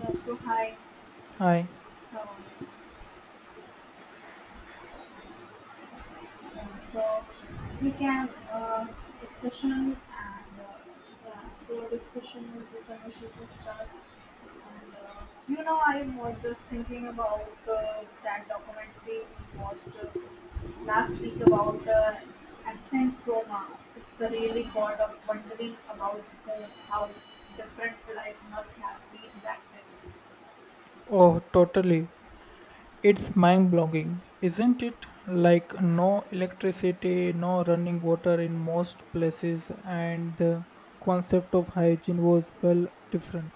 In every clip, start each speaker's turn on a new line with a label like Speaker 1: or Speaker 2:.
Speaker 1: Yeah, so hi,
Speaker 2: Hi.
Speaker 1: how are you? Yeah, so we can discussion and uh, yeah, so discussion is a conversation start. And I was just thinking about that documentary we watched last week about accent trauma. It's a really got of wondering about how different life must have been back then.
Speaker 2: Oh, totally. It's mind blowing, isn't it? Like, no electricity, no running water in most places, and the concept of hygiene was well different.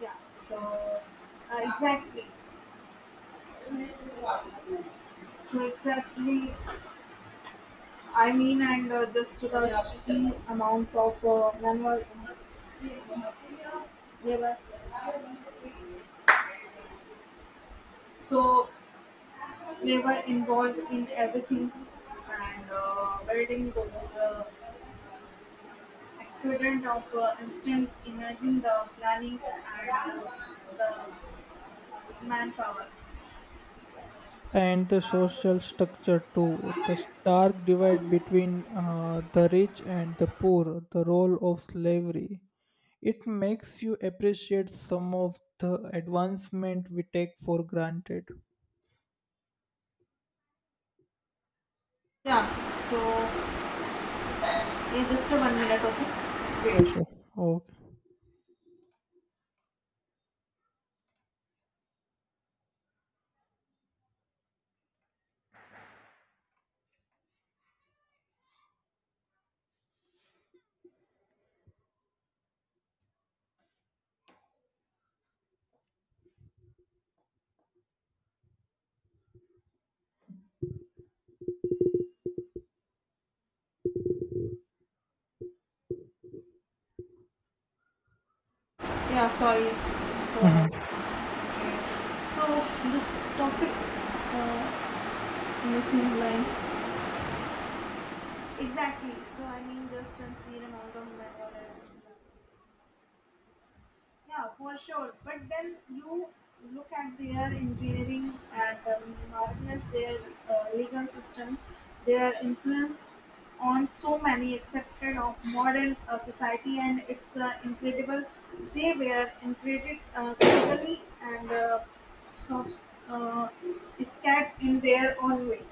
Speaker 1: Exactly. So exactly, I mean, and just the sheer amount of manual labor. So labor involved in everything, and building those uh, equivalent of instant. Imagine the planning and the manpower.
Speaker 2: And the social structure, too. The stark divide between the rich and the poor, the role of slavery. It makes you appreciate some of the advancement we take for granted.
Speaker 1: Yeah. So yeah, just a one minute, okay?
Speaker 2: Yeah,
Speaker 1: Wait.
Speaker 2: sure. Okay.
Speaker 1: Yeah. Sorry. So
Speaker 2: Mhm.
Speaker 1: okay. So this topic, uh, missing line. Exactly. So I mean, just unseen amount of metal and yeah, for sure. But then you look at their engineering and marvelous their legal system, their influence on so many accepted of modern society, and it's incredible. They were incredibly critically and shops scared in their own way.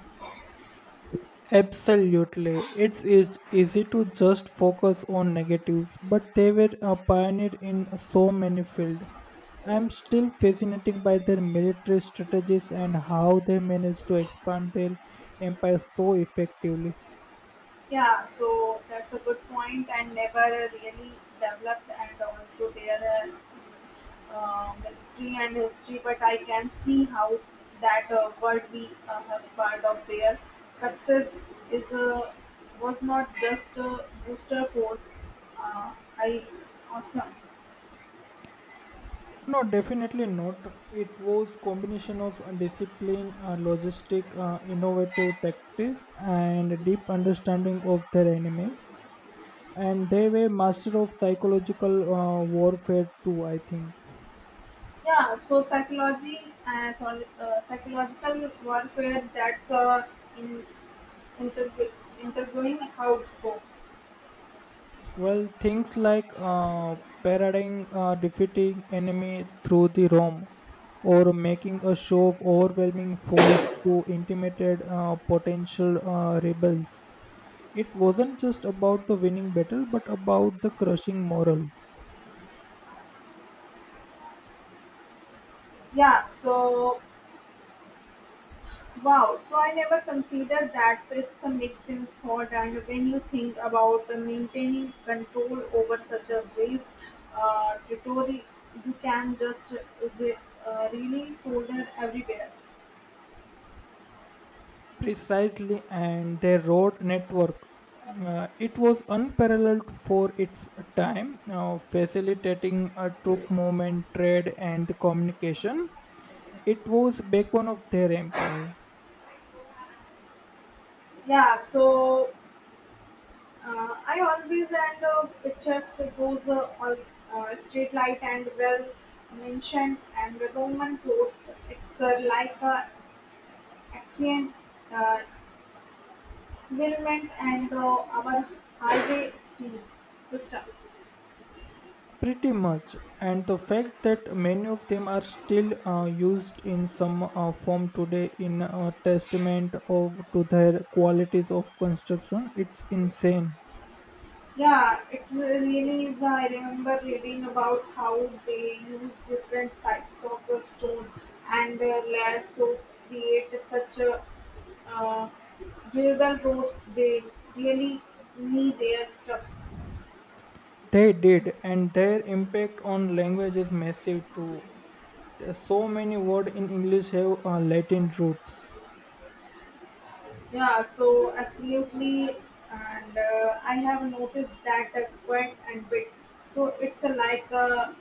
Speaker 2: Absolutely. It's easy to just focus on negatives, but they were a pioneer in so many fields. I'm still fascinated by their military strategies and how they managed to expand their empire so effectively.
Speaker 1: Yeah, so that's a good point and never really developed and also their uh, um, military and history, but I can see how that would be a part of their success is was not just a booster force. I awesome.
Speaker 2: No, definitely not. It was combination of discipline, logistic, innovative tactics, and deep understanding of their enemies. And they were master of psychological warfare too, I think.
Speaker 1: Yeah, so psychology and so, psychological warfare that's in, interg- interviewing how so.
Speaker 2: Well, things like parading defeating enemy through the roam, or making a show of overwhelming force to intimidate potential rebels. It wasn't just about the winning battle, but about the crushing moral.
Speaker 1: Yeah, so wow, so I never considered that. So it's a makes sense thought, and when you think about maintaining control over such a vast territory, you can just really solder everywhere.
Speaker 2: Precisely, and their road network. It was unparalleled for its time, facilitating a troop movement, trade, and communication. It was backbone of their empire,
Speaker 1: Yeah, so I always end pictures those street light and well mentioned and Roman clothes. It's like a ancient uh, Milment and our highway steam system.
Speaker 2: pretty much, and the fact that many of them are still used in some form today in a testament of to their qualities of construction, it's insane.
Speaker 1: Yeah, it really is. I remember reading about how they use different types of stone and layers to create such a uh, durable roads. They really need their stuff.
Speaker 2: They did, and their impact on language is massive too. There's so many words in English have Latin roots.
Speaker 1: Yeah, so absolutely, and I have noticed that quite a bit. So it's a like a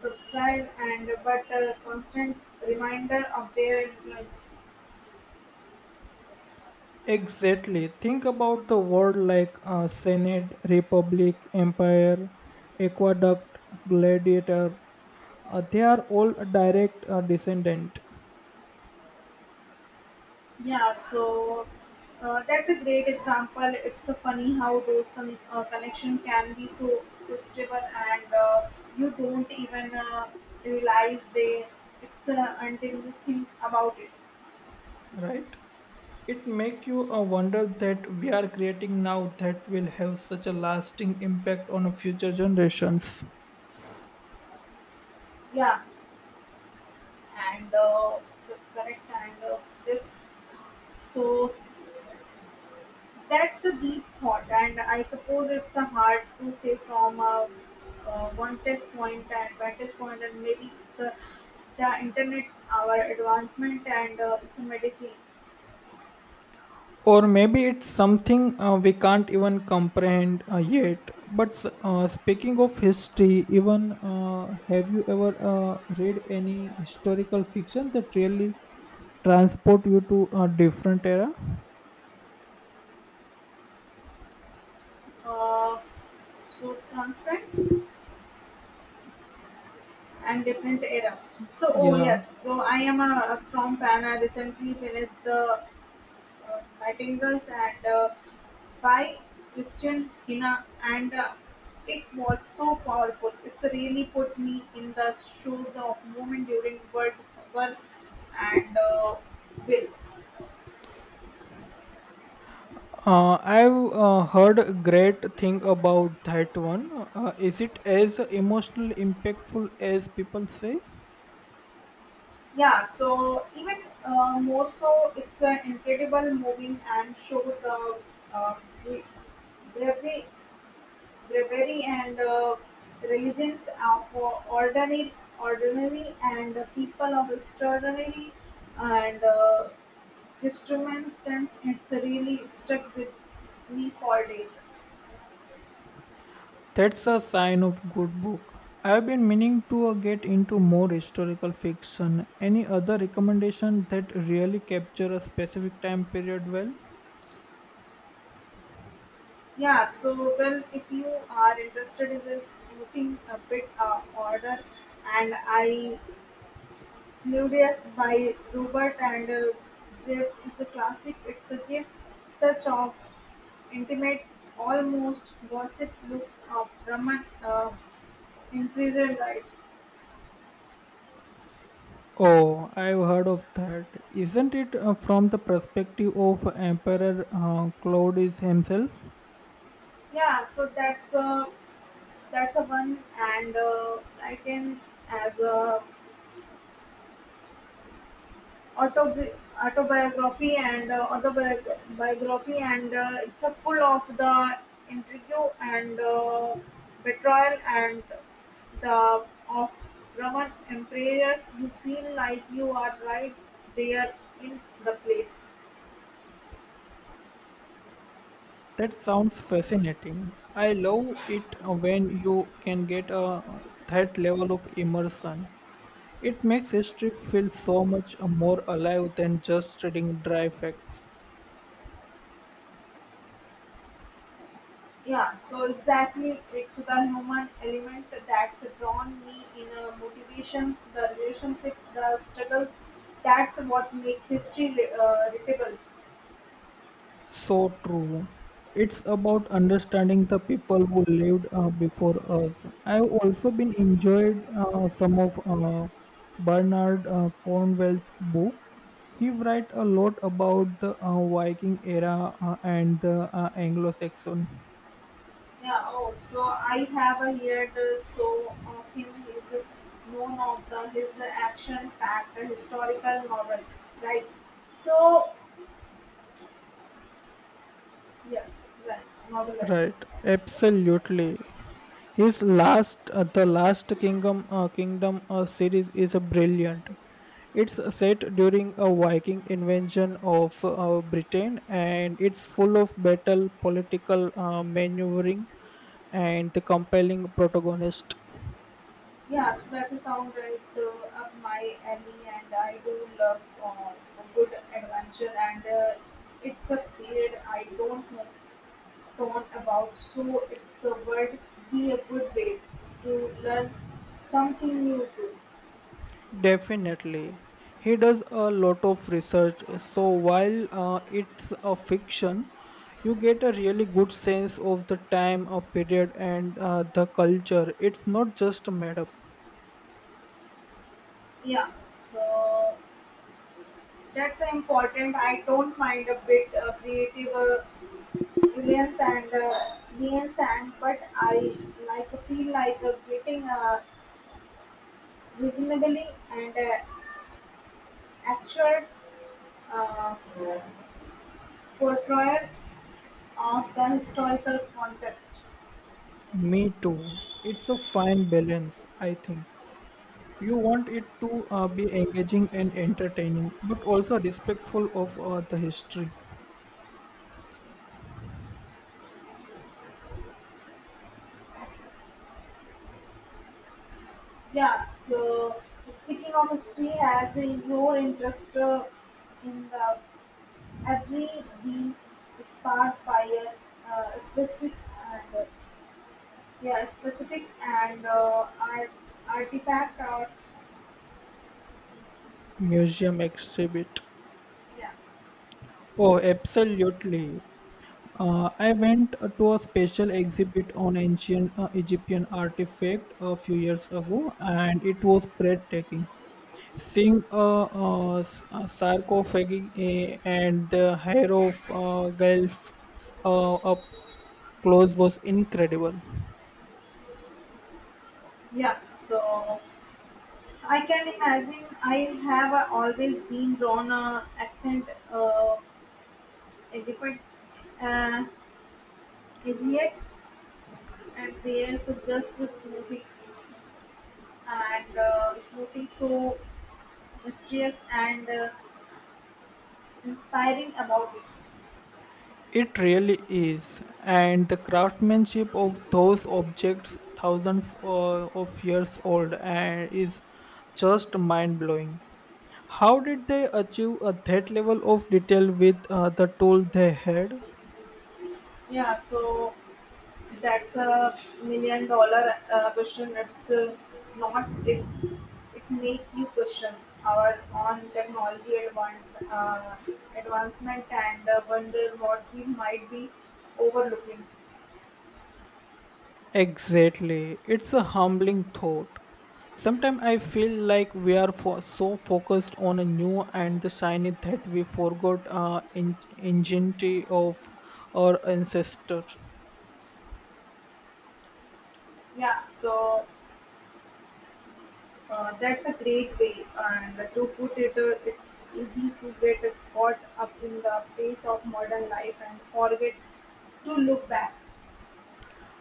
Speaker 1: substyle and but a constant reminder of their lives.
Speaker 2: Exactly. Think about the word like Senate, Republic, Empire, Aqueduct, Gladiator. They are all direct descendant,
Speaker 1: Yeah, so that's a great example. It's funny how those connection can be so sustainable, and you don't even realize they. It's until you think about it.
Speaker 2: right? It make you wonder that we are creating now that will have such a lasting impact on future generations.
Speaker 1: Yeah, and the correct and this so that's a deep thought and I suppose it's a hard to say from a one test point and maybe it's a, the internet our advancement and it's a medicine
Speaker 2: Or maybe it's something we can't even comprehend yet. But speaking of history, even have you ever read any historical fiction that really transport you to a different era?
Speaker 1: uh, so transparent and different era so oh
Speaker 2: Yeah.
Speaker 1: yes so I am a from fan I recently finished the nightingales and by Christian Hina and it was so powerful. It's really put me in the shoes of women during world hunger and will.
Speaker 2: I've heard a great thing about that one. Is it as emotionally impactful as people say?
Speaker 1: Yeah, so even more so, it's an incredible moving and show the uh, bre- bravery, bravery and religions of ordinary and people of extraordinary and instrumentals it's really stuck with me for days.
Speaker 2: That's a sign of good book. I've been meaning to get into more historical fiction. Any other recommendation that really capture a specific time period well?
Speaker 1: Yeah, so well if you are interested in this thing a bit order and I Claudius by Robert and Graves is a classic it's a gift such of intimate almost gossip look of Roman imperial life.
Speaker 2: Oh, I've heard of that. Isn't it from the perspective of Emperor Claudius himself?
Speaker 1: Yeah, so that's a one and I can as a Autobi autobiography and it's a full of the intrigue and betrayal and the of Roman emperors. You feel like you are right there in the place.
Speaker 2: That sounds fascinating. I love it when you can that level of immersion. It makes history feel so much more alive than just reading dry facts.
Speaker 1: Yeah, so exactly, it's the human element that's drawn me in motivations, the relationships, the struggles. That's what make history readable.
Speaker 2: So true. It's about understanding the people who lived before us. I've also been enjoyed some of Bernard Cornwell's book. He write a lot about the Viking era and the Anglo-Saxon.
Speaker 1: Yeah, oh, so I have a heard so of him. He's known of the his action-packed historical novel, right? So yeah, right, novel rights.
Speaker 2: Right, absolutely. His last, the last kingdom, kingdom series is brilliant. It's set during a Viking invasion of Britain, and it's full of battle, political maneuvering, and the compelling protagonist.
Speaker 1: Yeah, so that's a sound right up my alley, and I do love a good adventure, and it's a period I don't know torn about. So it's a word be a good way to learn something new too.
Speaker 2: Definitely. He does a lot of research. So while it's a fiction, you get a really good sense of the time, a period, and the culture. It's not just made up.
Speaker 1: Yeah, so. That's important. I don't mind a bit creative aliens and but I like feel like getting reasonably and actual uh, portrayal of the historical context.
Speaker 2: Me too. It's a fine balance, I think. You want it to be engaging and entertaining, but also respectful of the history.
Speaker 1: Yeah. So speaking of history, has your interest in the every being sparked by a specific and yeah, specific and art, artifact or
Speaker 2: Museum exhibit.
Speaker 1: yeah,
Speaker 2: Oh,
Speaker 1: specific.
Speaker 2: absolutely. I went to a special exhibit on ancient Egyptian artifact a few years ago, and it was breathtaking. Seeing a sarcophagi and the hair of Guelph up close was incredible.
Speaker 1: Yeah. So I can imagine I have always been drawn accent uh, Egypt, uh, Egypt, and there's just a smoothing and smoothing so mysterious and inspiring about it.
Speaker 2: It really is, and the craftsmanship of those objects, thousands of years old, and is just mind blowing. How did they achieve that level of detail with the tool they had?
Speaker 1: Yeah, so. That's a million dollar question. It's not it. It make you questions our on technology uh, advancement and wonder what we might be overlooking.
Speaker 2: Exactly. It's a humbling thought. Sometimes I feel like we are so focused on a new and the shiny that we forgot ingenuity of our ancestor.
Speaker 1: Yeah, so that's a great way. And to put it, it's easy to get caught up in the pace of modern life and forget to look back.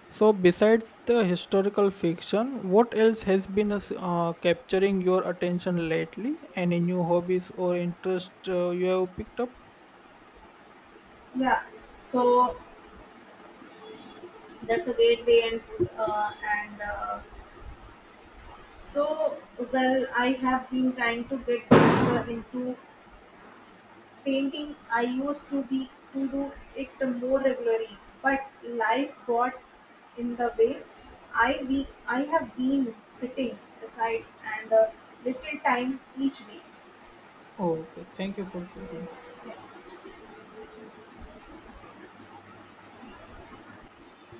Speaker 2: So, besides the historical fiction, what else has been capturing your attention lately? Any new hobbies or interest you have picked up?
Speaker 1: Yeah, so that's a great way and put and. So, well, I have been trying to get back into painting. I used to be to do it more regularly, but life got in the way. I have been sitting aside and little time each week.
Speaker 2: Okay, thank you for suggestion.